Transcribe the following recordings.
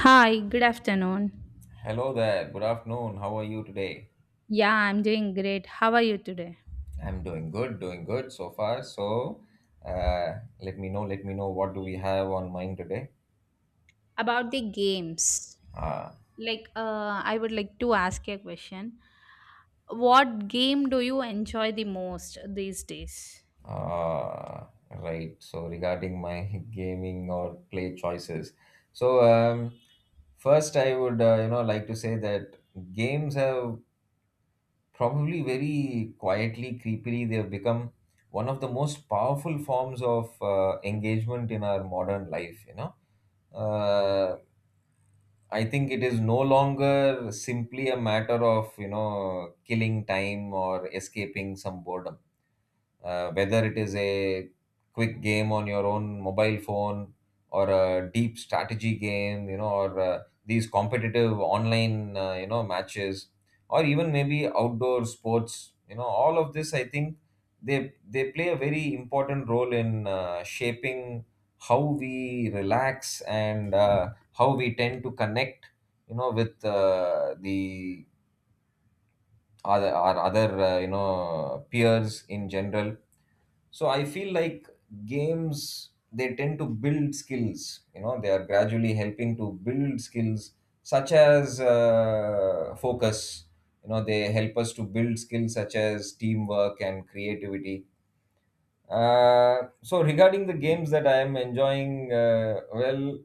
Hi, good afternoon. Hello there. Good afternoon. How are you today? Yeah, I'm doing great. How are you today? I'm doing good so far. So, uh, let me know what do we have on mind today. About the games, Ah, I would like to ask you a question. What game do you enjoy the most these days? Right. So regarding my gaming or play choices, so um, first I would you know like to say that games have probably very quietly, creepily, they have become one of the most powerful forms of engagement in our modern life. Uh, I think it is no longer simply a matter of you know killing time or escaping some boredom, whether it is a quick game on your own mobile phone or a deep strategy game, you know, or these competitive online, you know, matches, or even maybe outdoor sports, you know, all of this I think they play a very important role in shaping how we relax and how we tend to connect, you know, with the other our other, you know, peers in general. So I feel like games, they tend to build skills, you know, they are gradually helping to build skills such as focus. You know, they help us to build skills such as teamwork and creativity. So regarding the games that I am enjoying, well,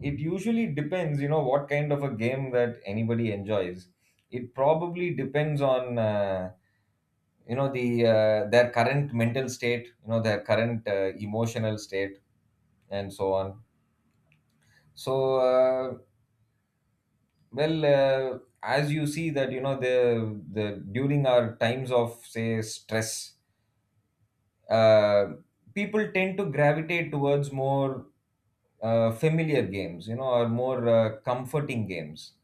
it usually depends, you know, what kind of a game that anybody enjoys. It probably depends on, you know, the their current mental state, you know, their current emotional state, and so on. So uh, well, as you see that, you know, the during our times of say stress, uh, people tend to gravitate towards more familiar games, you know, or more comforting games,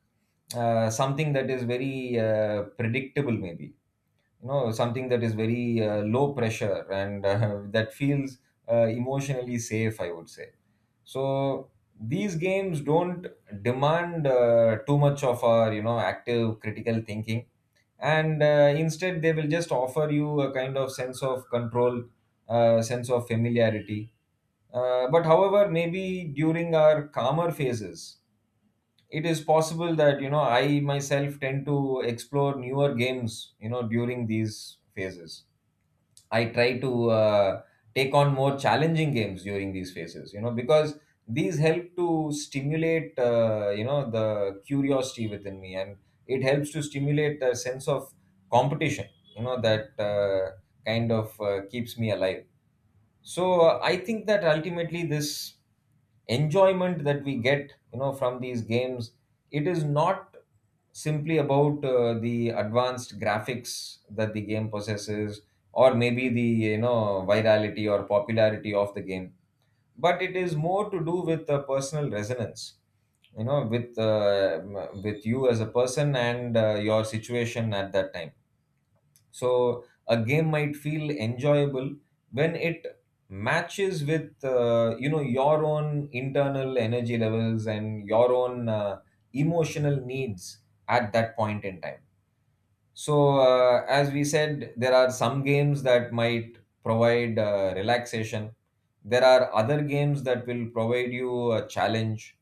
something that is very predictable maybe, you know, something that is very low pressure, and that feels emotionally safe I would say. So these games don't demand too much of our, you know, active critical thinking, and instead they will just offer you a kind of sense of control, sense of familiarity. But however, maybe during our calmer phases, it is possible that, you know, I myself tend to explore newer games, you know, during these phases. I try to, take on more challenging games during these phases, you know, because these help to stimulate, you know, the curiosity within me, and it helps to stimulate a sense of competition, you know, that kind of keeps me alive. So I think that ultimately this enjoyment that we get, you know, from these games, it is not simply about the advanced graphics that the game possesses, or maybe the, you know, virality or popularity of the game, but it is more to do with the personal resonance, you know, with you as a person, and your situation at that time. So a game might feel enjoyable when it matches with, you know, your own internal energy levels, and your own emotional needs at that point in time. So, as we said, there are some games that might provide relaxation. There are other games that will provide you a challenge,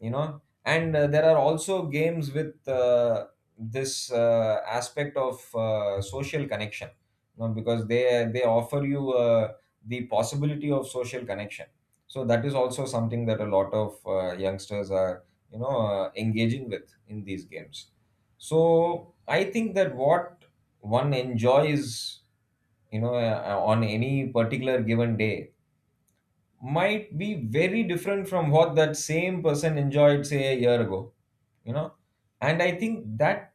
you know. And there are also games with this aspect of social connection, you know, because they offer you the possibility of social connection. So that is also something that a lot of youngsters are, engaging with in these games. So I think that what one enjoys, on any particular given day might be very different from what that same person enjoyed, say, a year ago, you know. And I think that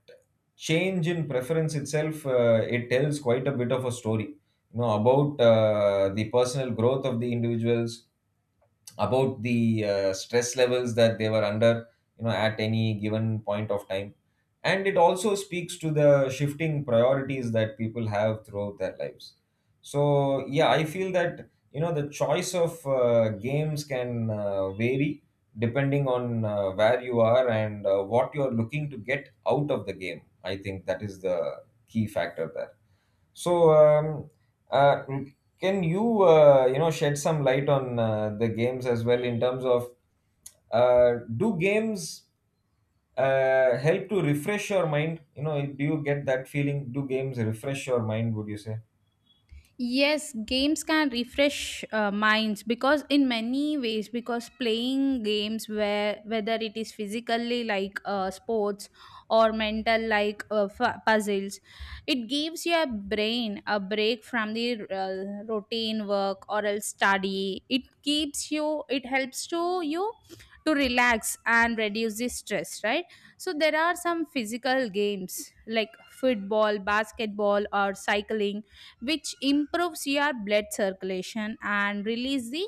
change in preference itself, it tells quite a bit of a story, you know, about the personal growth of the individuals, about the stress levels that they were under, you know, at any given point of time, and it also speaks to the shifting priorities that people have throughout their lives. So yeah, I feel that, you know, the choice of games can vary depending on where you are, and what you are looking to get out of the game. I think that is the key factor there. So, um, uh, can you, you know, shed some light on the games as well in terms of, do games help to refresh your mind? You know, do you get that feeling? Do games refresh your mind? Would you say? Yes, games can refresh minds because in many ways, because playing games, where whether it is physically like sports or mental like puzzles, it gives your brain a break from the routine work or else study. It keeps you, it helps to you to relax and reduce the stress, right? So there are some physical games like football, basketball, or cycling which improves your blood circulation and release the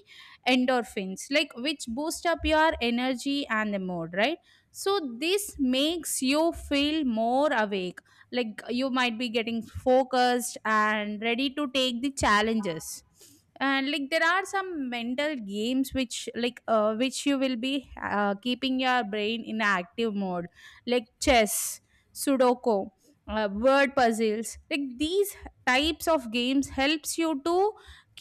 endorphins, like, which boost up your energy and the mood, right? So this makes you feel more awake, like you might be getting focused and ready to take the challenges. And like there are some mental games which which you will be keeping your brain in active mode, like chess, sudoku, word puzzles. Like these types of games helps you to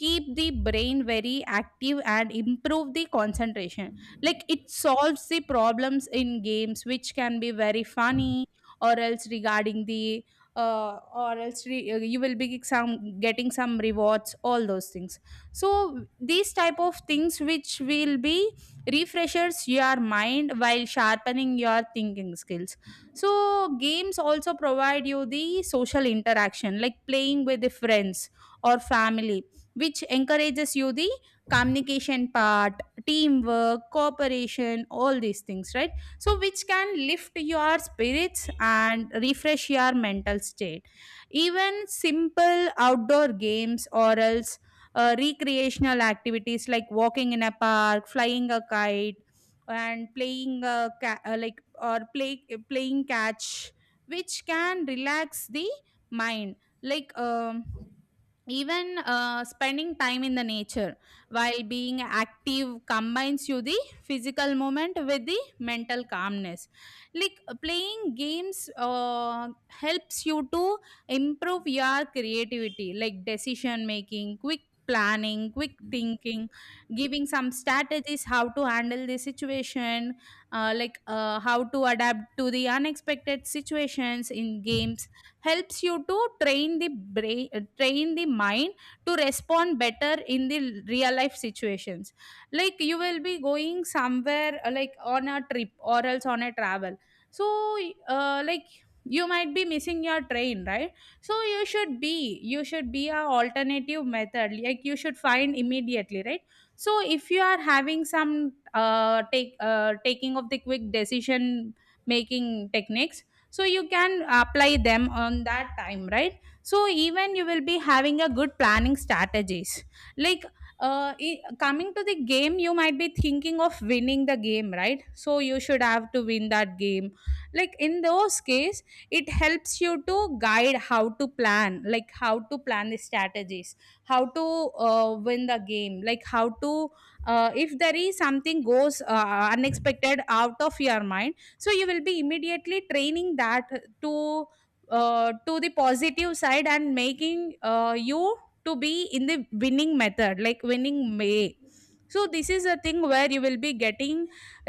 keep the brain very active and improve the concentration, like it solves the problems in games which can be very funny, or else regarding the you will be some getting some rewards, all those things. So these type of things which will be refreshers your mind while sharpening your thinking skills. So games also provide you the social interaction, like playing with the friends or family, which encourages you the communication part, teamwork, cooperation, all these things, right? So, which can lift your spirits and refresh your mental state. Even simple outdoor games or else recreational activities like walking in a park, flying a kite, and playing like or play playing catch, which can relax the mind. like um Even spending time in the nature while being active combines you the physical movement with the mental calmness. Like playing games helps you to improve your creativity, like decision making, quick planning, quick thinking, giving some strategies how to handle the situation, how to adapt to the unexpected situations in games. Helps you to train the brain, train the mind to respond better in the real life situations. Like you will be going somewhere like on a trip or else on a travel. So uh, like you might be missing your train, right? So you should be a alternative method, like you should find immediately, right? So if you are having some take taking of the quick decision making techniques, so you can apply them on that time, right? So even you will be having a good planning strategies. like Coming to the game, you might be thinking of winning the game, right? So you should have to win that game. Like in those case, it helps you to guide how to plan, like how to plan the strategies, how to win the game, like how to if there is something goes unexpected out of your mind, so you will be immediately training that to to the positive side and making you to be in the winning method, like winning way. So this is a thing where you will be getting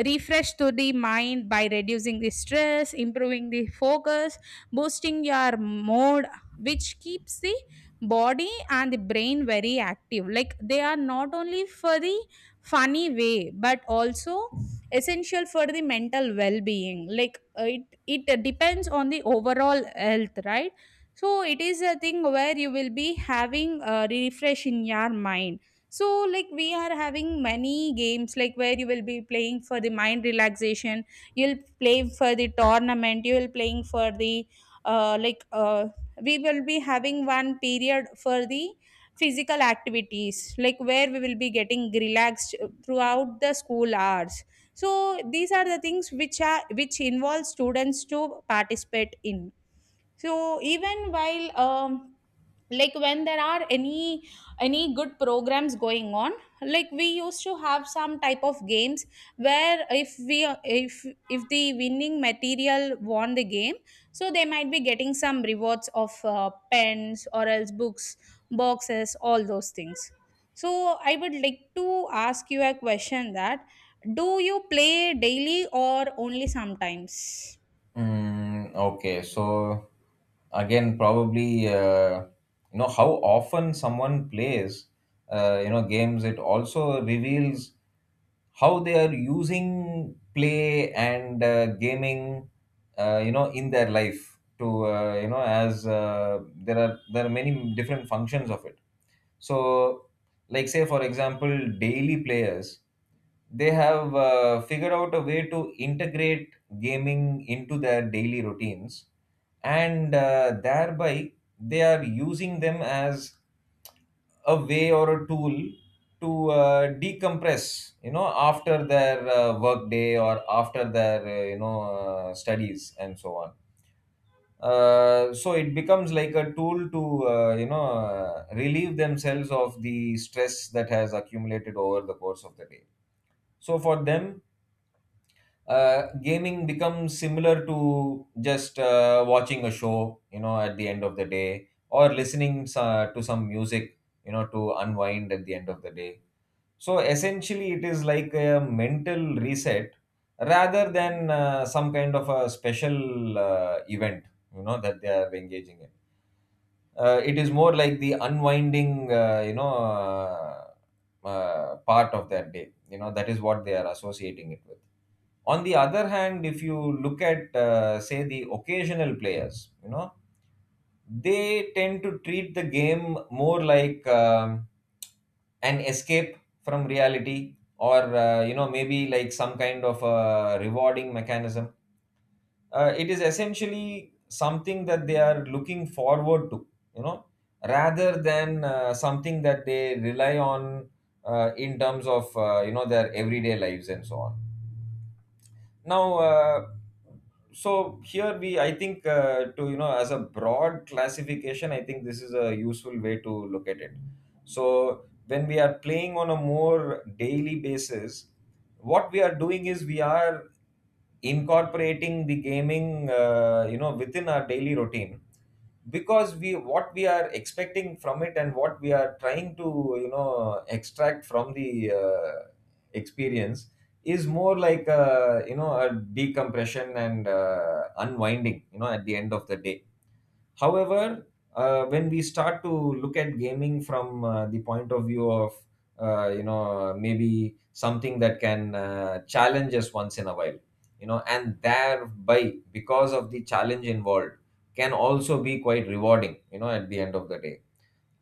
refresh to the mind by reducing the stress, improving the focus, boosting your mood, which keeps the body and the brain very active. Like they are not only for the funny way, but also essential for the mental well-being. It it depends on the overall health, right? So it is a thing where you will be having a refresh in your mind. So like we are having many games, like where you will be playing for the mind relaxation. You'll play for the tournament, you will playing for the uh, like uh, we will be having one period for the physical activities, like where we will be getting relaxed throughout the school hours. So these are the things which are which involve students to participate in. So even while like when there are any good programs going on, like we used to have some type of games where if we if the winning material won the game, so they might be getting some rewards of pens or else books, boxes, all those things. So I would like to ask you a question that do you play daily or only sometimes? Mm, okay, so again, probably you know how often someone plays you know games. It also reveals how they are using play and gaming, you know, in their life. To, you know, as there are many different functions of it. So, like say for example, daily players, they have figured out a way to integrate gaming into their daily routines, and thereby they are using them as a way or a tool to decompress, you know, after their work day, or after their, studies and so on. So it becomes like a tool to, relieve themselves of the stress that has accumulated over the course of the day. So for them, gaming becomes similar to just watching a show, you know, at the end of the day, or listening to some music, you know, to unwind at the end of the day. So essentially, it is like a mental reset rather than some kind of a special event, you know, that they are engaging in. It is more like the unwinding, part of that day. You know, that is what they are associating it with. On the other hand, if you look at, say, the occasional players, you know, they tend to treat the game more like an escape from reality, or, you know, maybe like some kind of a rewarding mechanism. It is essentially something that they are looking forward to, you know, rather than something that they rely on, in terms of, you know, their everyday lives and so on. Now uh, so here we, I think, to, you know, as a broad classification, I think this is a useful way to look at it. So when we are playing on a more daily basis, what we are doing is we are incorporating the gaming, you know, within our daily routine, because we what we are expecting from it, and what we are trying to, you know, extract from the, experience, is more like a, you know, a decompression and unwinding, you know, at the end of the day. However, when we start to look at gaming from, the point of view of, you know, maybe something that can challenge us once in a while, you know, and thereby because of the challenge involved, can also be quite rewarding, you know, at the end of the day.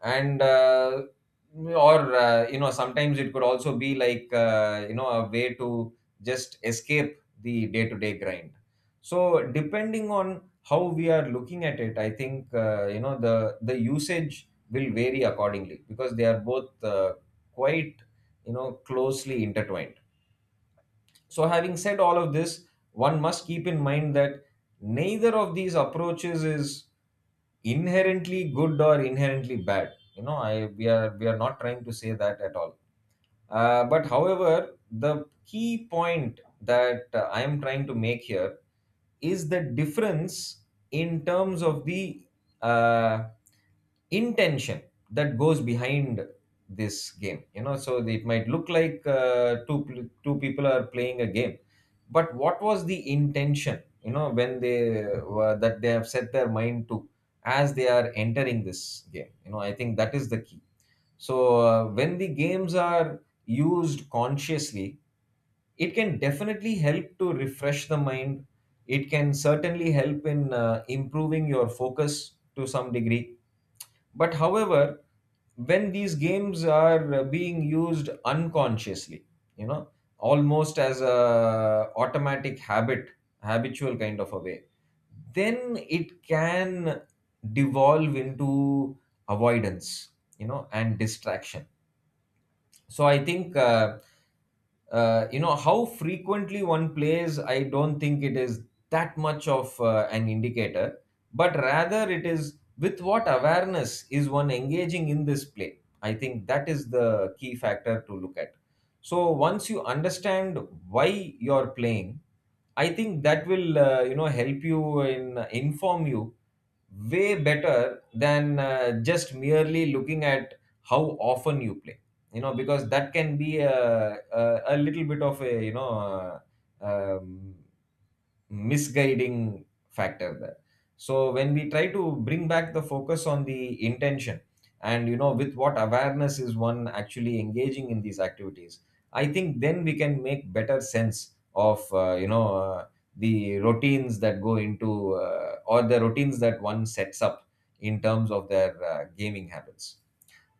And uh, or uh, you know, sometimes it could also be like, you know, a way to just escape the day to day grind. So depending on how we are looking at it, I think, you know, the usage will vary accordingly, because they are both quite, you know, closely intertwined. So, having said all of this, one must keep in mind that neither of these approaches is inherently good or inherently bad. You know, I we are not trying to say that at all. But however, the key point that I am trying to make here is the difference in terms of the, uh, intention that goes behind this game. You know, so it might look like, two people are playing a game, but what was the intention? You know, when they were that they have set their mind to as they are entering this game. You know, I think that is the key. So, when the games are used consciously, it can definitely help to refresh the mind. It can certainly help in improving your focus to some degree. But, however, when these games are being used unconsciously, you know, almost as a automatic habit, habitual kind of a way, then it can devolve into avoidance, you know, and distraction. So I think you know, how frequently one plays, I don't think it is that much of an indicator, but rather it is with what awareness is one engaging in this play. I think that is the key factor to look at. So once you understand why you're playing, I think that will you know, help you in inform you way better than just merely looking at how often you play, you know, because that can be a little bit of a um, misguiding factor there. So when we try to bring back the focus on the intention and you know, with what awareness is one actually engaging in these activities, I think then we can make better sense of the routines that go into or the routines that one sets up in terms of their gaming habits.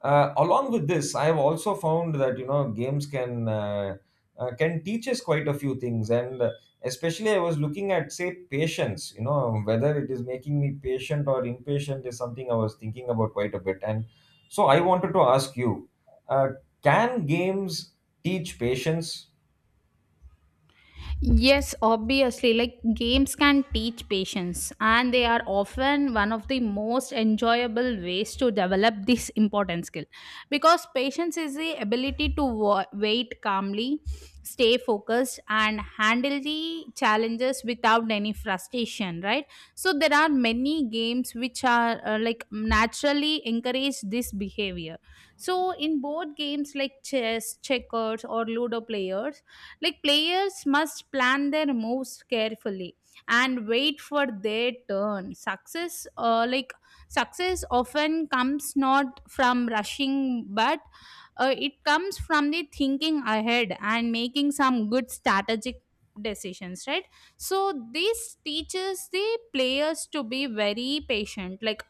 Along with this, I have also found that you know, games can teach us quite a few things, and especially I was looking at, say, patience. You know, whether it is making me patient or impatient is something I was thinking about quite a bit, and so I wanted to ask you: uh, can games teach patience? Yes, obviously, like games can teach patience, and they are often one of the most enjoyable ways to develop this important skill, because patience is the ability to wait calmly, stay focused, and handle the challenges without any frustration, right? So there are many games which are like naturally encourage this behavior. So in board games like chess, checkers, or Ludo players, like players must plan their moves carefully and wait for their turn. Success often comes not from rushing, but it comes from the thinking ahead and making some good strategic decisions, right? So this teaches the players to be very patient, like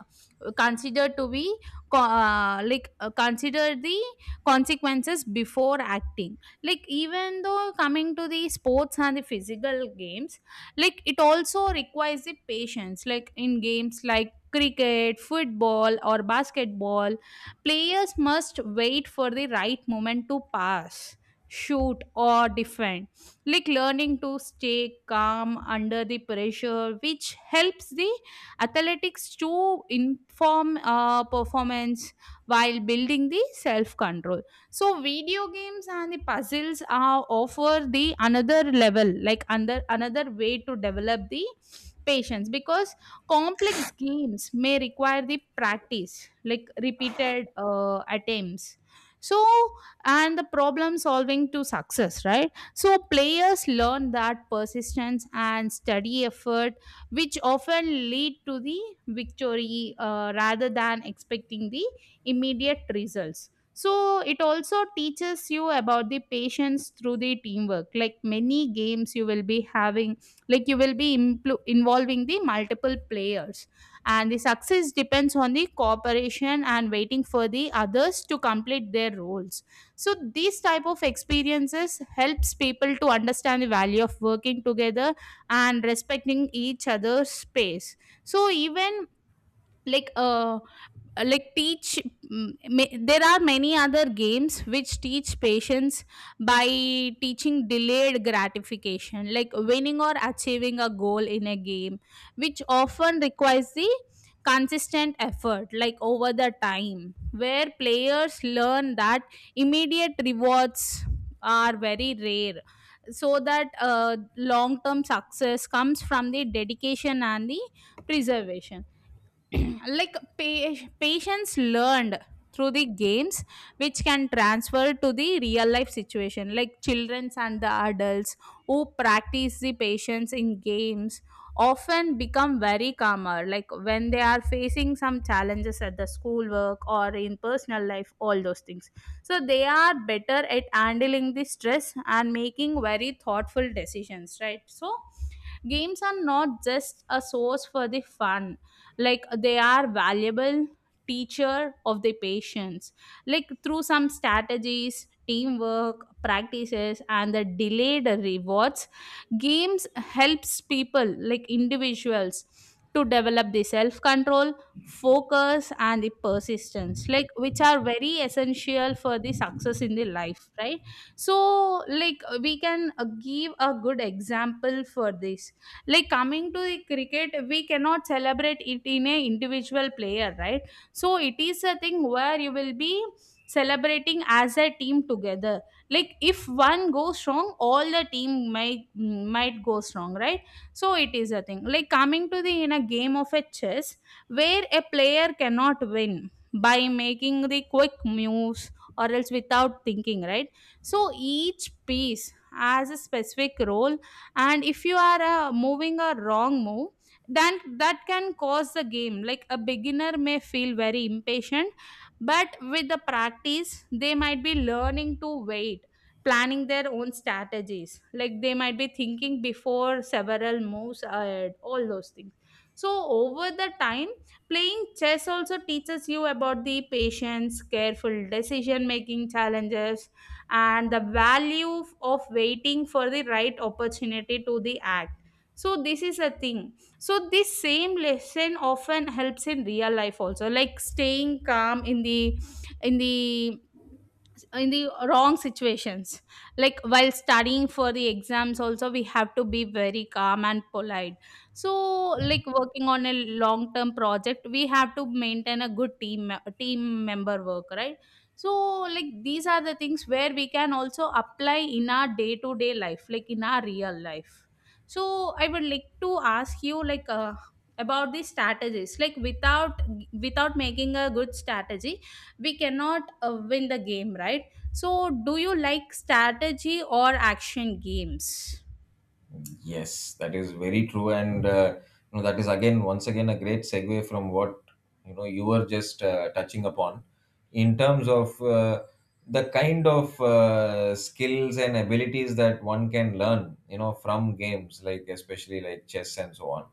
consider to be consider the consequences before acting. Like even though coming to the sports and the physical games, like it also requires the patience. Like in games like cricket, football, or basketball, players must wait for the right moment to pass, shoot, or defend. Like learning to stay calm under the pressure which helps the athletics to inform performance while building the self control. So video games and the puzzles are offer the another level, like under another way to develop the patience, because complex games may require the practice, like repeated attempts. So, and the problem solving to success, right? So players learn that persistence and study effort, which often lead to the victory, rather than expecting the immediate results. So it also teaches you about the patience through the teamwork, like many games you will be having, like you will be involving the multiple players, and the success depends on the cooperation and waiting for the others to complete their roles. So these type of experiences helps people to understand the value of working together and respecting each other's space. So even like uh uh, like teach mm, there are many other games which teach patience by teaching delayed gratification, like winning or achieving a goal in a game, which often requires the consistent effort, like over the time, where players learn that immediate rewards are very rare. So that long term success comes from the dedication and the preservation. like pa- Patience learned through the games, which can transfer to the real life situation. Like childrens and the adults who practice the patience in games often become very calmer, like when they are facing some challenges at the school, work, or in personal life, all those things. So they are better at handling the stress and making very thoughtful decisions, right? So games are not just a source for the fun, like they are valuable teacher of the patience. Like through some strategies, teamwork, practices, and the delayed rewards, games helps people, like individuals, to develop the self control, focus, and the persistence, like which are very essential for the success in the life, right? So like we can give a good example for this. Like coming to the cricket, we cannot celebrate it in a individual player, right? So it is a thing where you will be celebrating as a team together. Like if one goes wrong, all the team might goes wrong, right? So it is a thing like coming to the in a game of a chess, where a player cannot win by making the quick moves or else without thinking, right? So each piece has a specific role, and if you are moving a wrong move, then that can cause the game. Like a beginner may feel very impatient, but with the practice they might be learning to wait, planning their own strategies, like they might be thinking before several moves ahead, all those things. So over the time, playing chess also teaches you about the patience, careful decision making challenges, and the value of waiting for the right opportunity to the act. So this is a thing. So this same lesson often helps in real life also, like staying calm in in the the wrong situations, like while studying for the exams also, we have to be very calm and polite. So like working on a long term project, we have to maintain a good team member work, right? So like these are the things where we can also apply in our day to day life, like in our real life. So I would like to ask you, like about these strategies, like without making a good strategy, we cannot win the Game, right? So do you like strategy or action games? Yes, that is very true, and you know, that is again, once again a great segue from what you know, you were just touching upon in terms of the kind of skills and abilities that one can learn, you know, from games, like especially like chess and so on,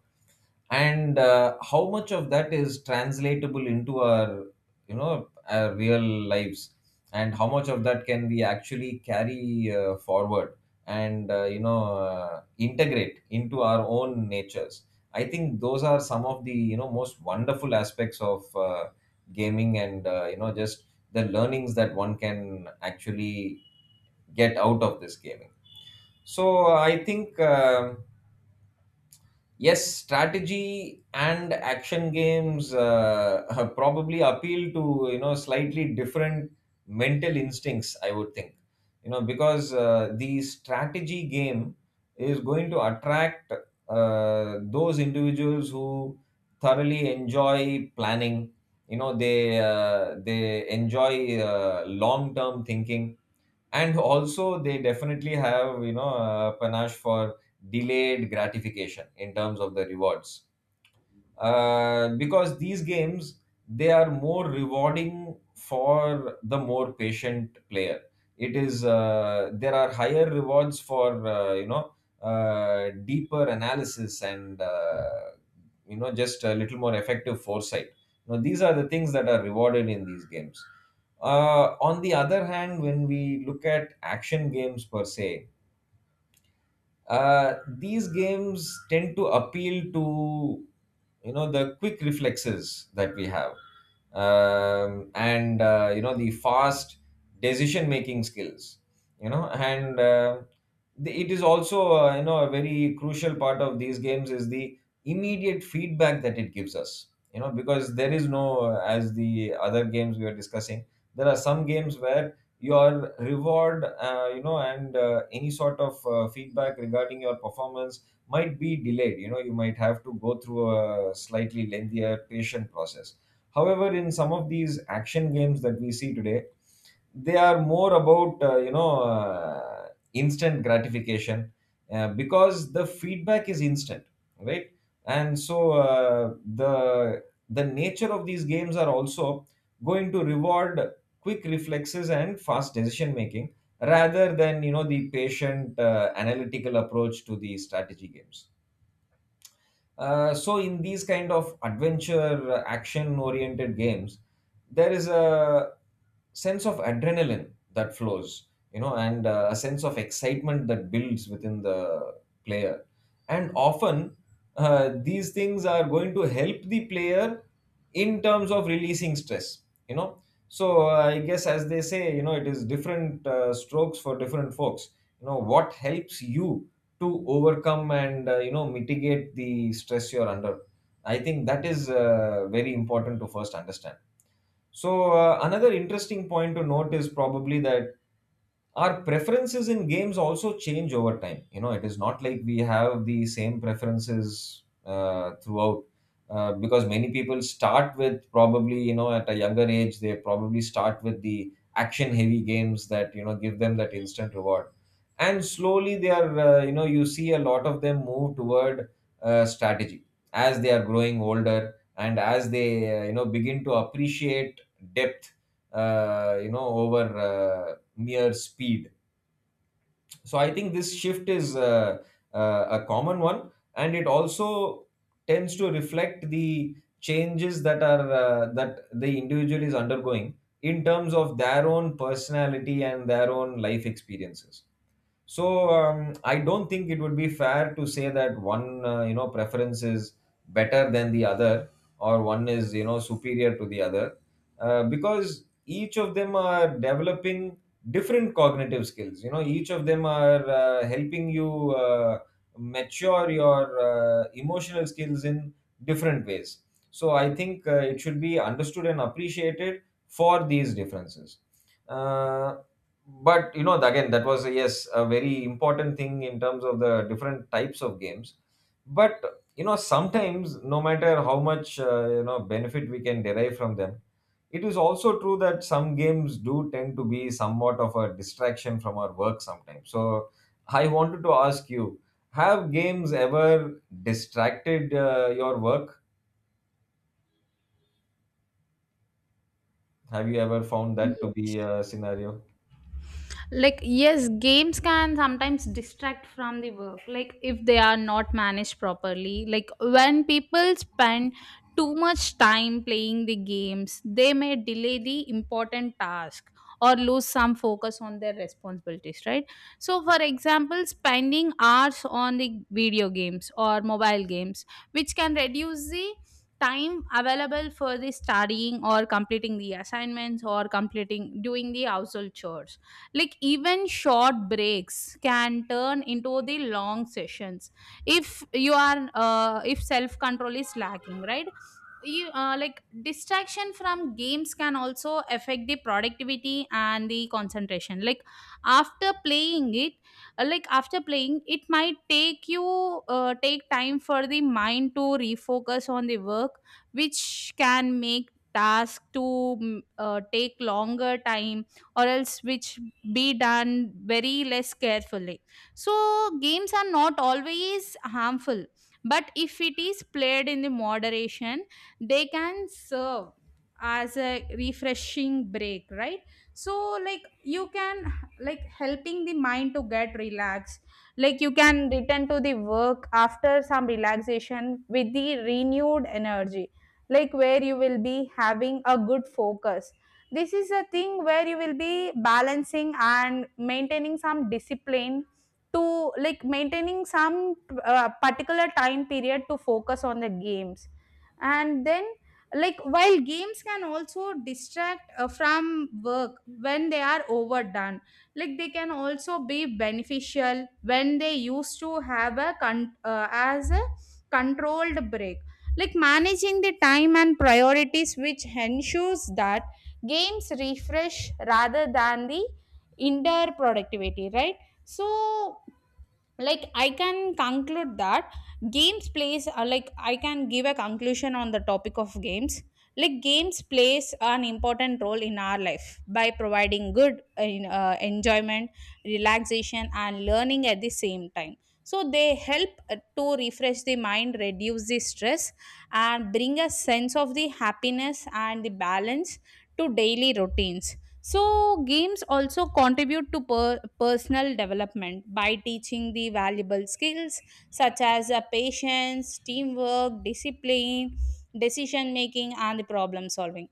and how much of that is translatable into our you know, our real lives, and how much of that can we actually carry forward, and integrate into our own natures. I think those are some of the you know, most wonderful aspects of gaming and you know, just the learnings that one can actually get out of this gaming. So I think yes, strategy and action games probably appeal to you know, slightly different mental instincts, I would think, you know, because the strategy game is going to attract those individuals who thoroughly enjoy planning. You know, they enjoy long term thinking, and also they definitely have you know, panache for delayed gratification in terms of the rewards, because these games, they are more rewarding for the more patient player. It is There are higher rewards for deeper analysis and you know, just a little more effective foresight. Now these are the things that are rewarded in these games. On the other hand, when we look at action games per se, these games tend to appeal to you know, the quick reflexes that we have, and you know, the fast decision making skills, you know. And it is also you know, a very crucial part of these games is the immediate feedback that it gives us, you know, because there is no as the other games we were discussing, there are some games where your reward you know and any sort of feedback regarding your performance might be delayed. You know, you might have to go through a slightly lengthier patient process. However, in some of these action games that we see today, they are more about instant gratification, because the feedback is instant, right? And so the nature of these games are also going to reward quick reflexes and fast decision making, rather than you know, the patient analytical approach to the strategy games. So in these kind of adventure, action oriented games, there is a sense of adrenaline that flows, you know, and a sense of excitement that builds within the player, and often these things are going to help the player in terms of releasing stress, you know. So I guess, as they say, you know, it is different strokes for different folks. You know, what helps you to overcome and you know, mitigate the stress you're under, I think that is very important to first understand. So another interesting point to note is probably that our preferences in games also change over time. You know, it is not like we have the same preferences throughout, because many people start with probably you know, at a younger age, they probably start with the action heavy games that you know, give them that instant reward, and slowly they are you know, you see a lot of them move toward strategy, as they are growing older and as they you know, begin to appreciate depth over uh, mere speed. So I think this shift is a common one, and it also tends to reflect the changes that are that the individual is undergoing in terms of their own personality and their own life experiences. So I don't think it would be fair to say that one you know, preference is better than the other, or one is you know, superior to the other, because each of them are developing different cognitive skills. You know, each of them are helping you mature your emotional skills in different ways. So I think it should be understood and appreciated for these differences, uh, but you know, again, that was yes, a very important thing in terms of the different types of games. But you know, sometimes, no matter how much you know, benefit we can derive from them, it is also true that some games do tend to be somewhat of a distraction from our work sometimes. So I wanted to ask you: have games ever distracted your work? Have you ever found that to be Yes. a scenario? Like, yes, games can sometimes distract from the work, like if they are not managed properly, like when people spend too much time playing the games, they may delay the important task or lose some focus on their responsibilities, right? So for example, spending hours on the video games or mobile games, which can reduce the time available for the studying or completing the assignments or completing doing the household chores. Like even short breaks can turn into the long sessions if you are if self control is lacking, right? You like distraction from games can also affect the productivity and the concentration, like after playing it, like after playing, it might take you take time for the mind to refocus on the work, which can make task to take longer time, or else which be done very less carefully. So games are not always harmful, but if it is played in the moderation, they can serve as a refreshing break, right? So like you can, like helping the mind to get relaxed, like you can return to the work after some relaxation with the renewed energy, like where you will be having a good focus. This is a thing where you will be balancing and maintaining some discipline, to like maintaining some particular time period to focus on the games. And then like while games can also distract from work when they are overdone, like they can also be beneficial when they used to have a as a controlled break, like managing the time and priorities, which ensures that games refresh rather than the indoor productivity, right? So like I can conclude that games plays like I can give a conclusion on the topic of games. Like games plays an important role in our life by providing good enjoyment, relaxation and learning at the same time. So they help to refresh the mind, reduce the stress, and bring a sense of the happiness and the balance to daily routines. So games also contribute to personal development by teaching the valuable skills such as patience, teamwork, discipline, decision making, and the problem solving.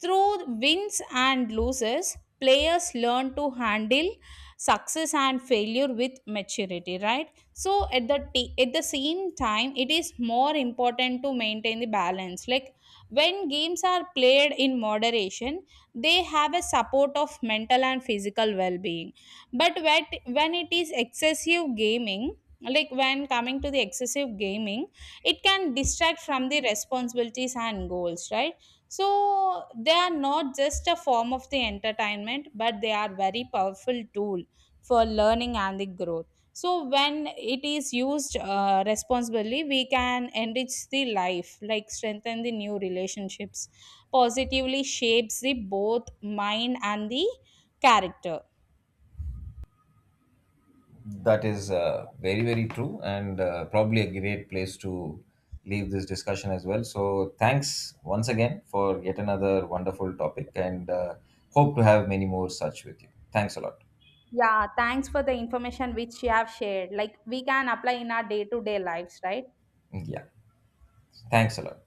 Through wins and losses, players learn to handle success and failure with maturity, right? So at the at the same time, it is more important to maintain the balance. Like when games are played in moderation, they have a support of mental and physical well-being. But when it is excessive gaming, like when coming to the excessive gaming, it can distract from the responsibilities and goals, right? So they are not just a form of the entertainment, but they are very powerful tool for learning and the growth. So when it is used responsibly, we can enrich the life, like strengthen the new relationships, positively shapes the both mind and the character. That is very, very true, and probably a great place to leave this discussion as well. So, thanks once again for yet another wonderful topic, and hope to have many more such with you. Thanks a lot. Yeah, thanks for the information which you have shared, like we can apply in our day to day lives, right? Yeah, thanks a lot.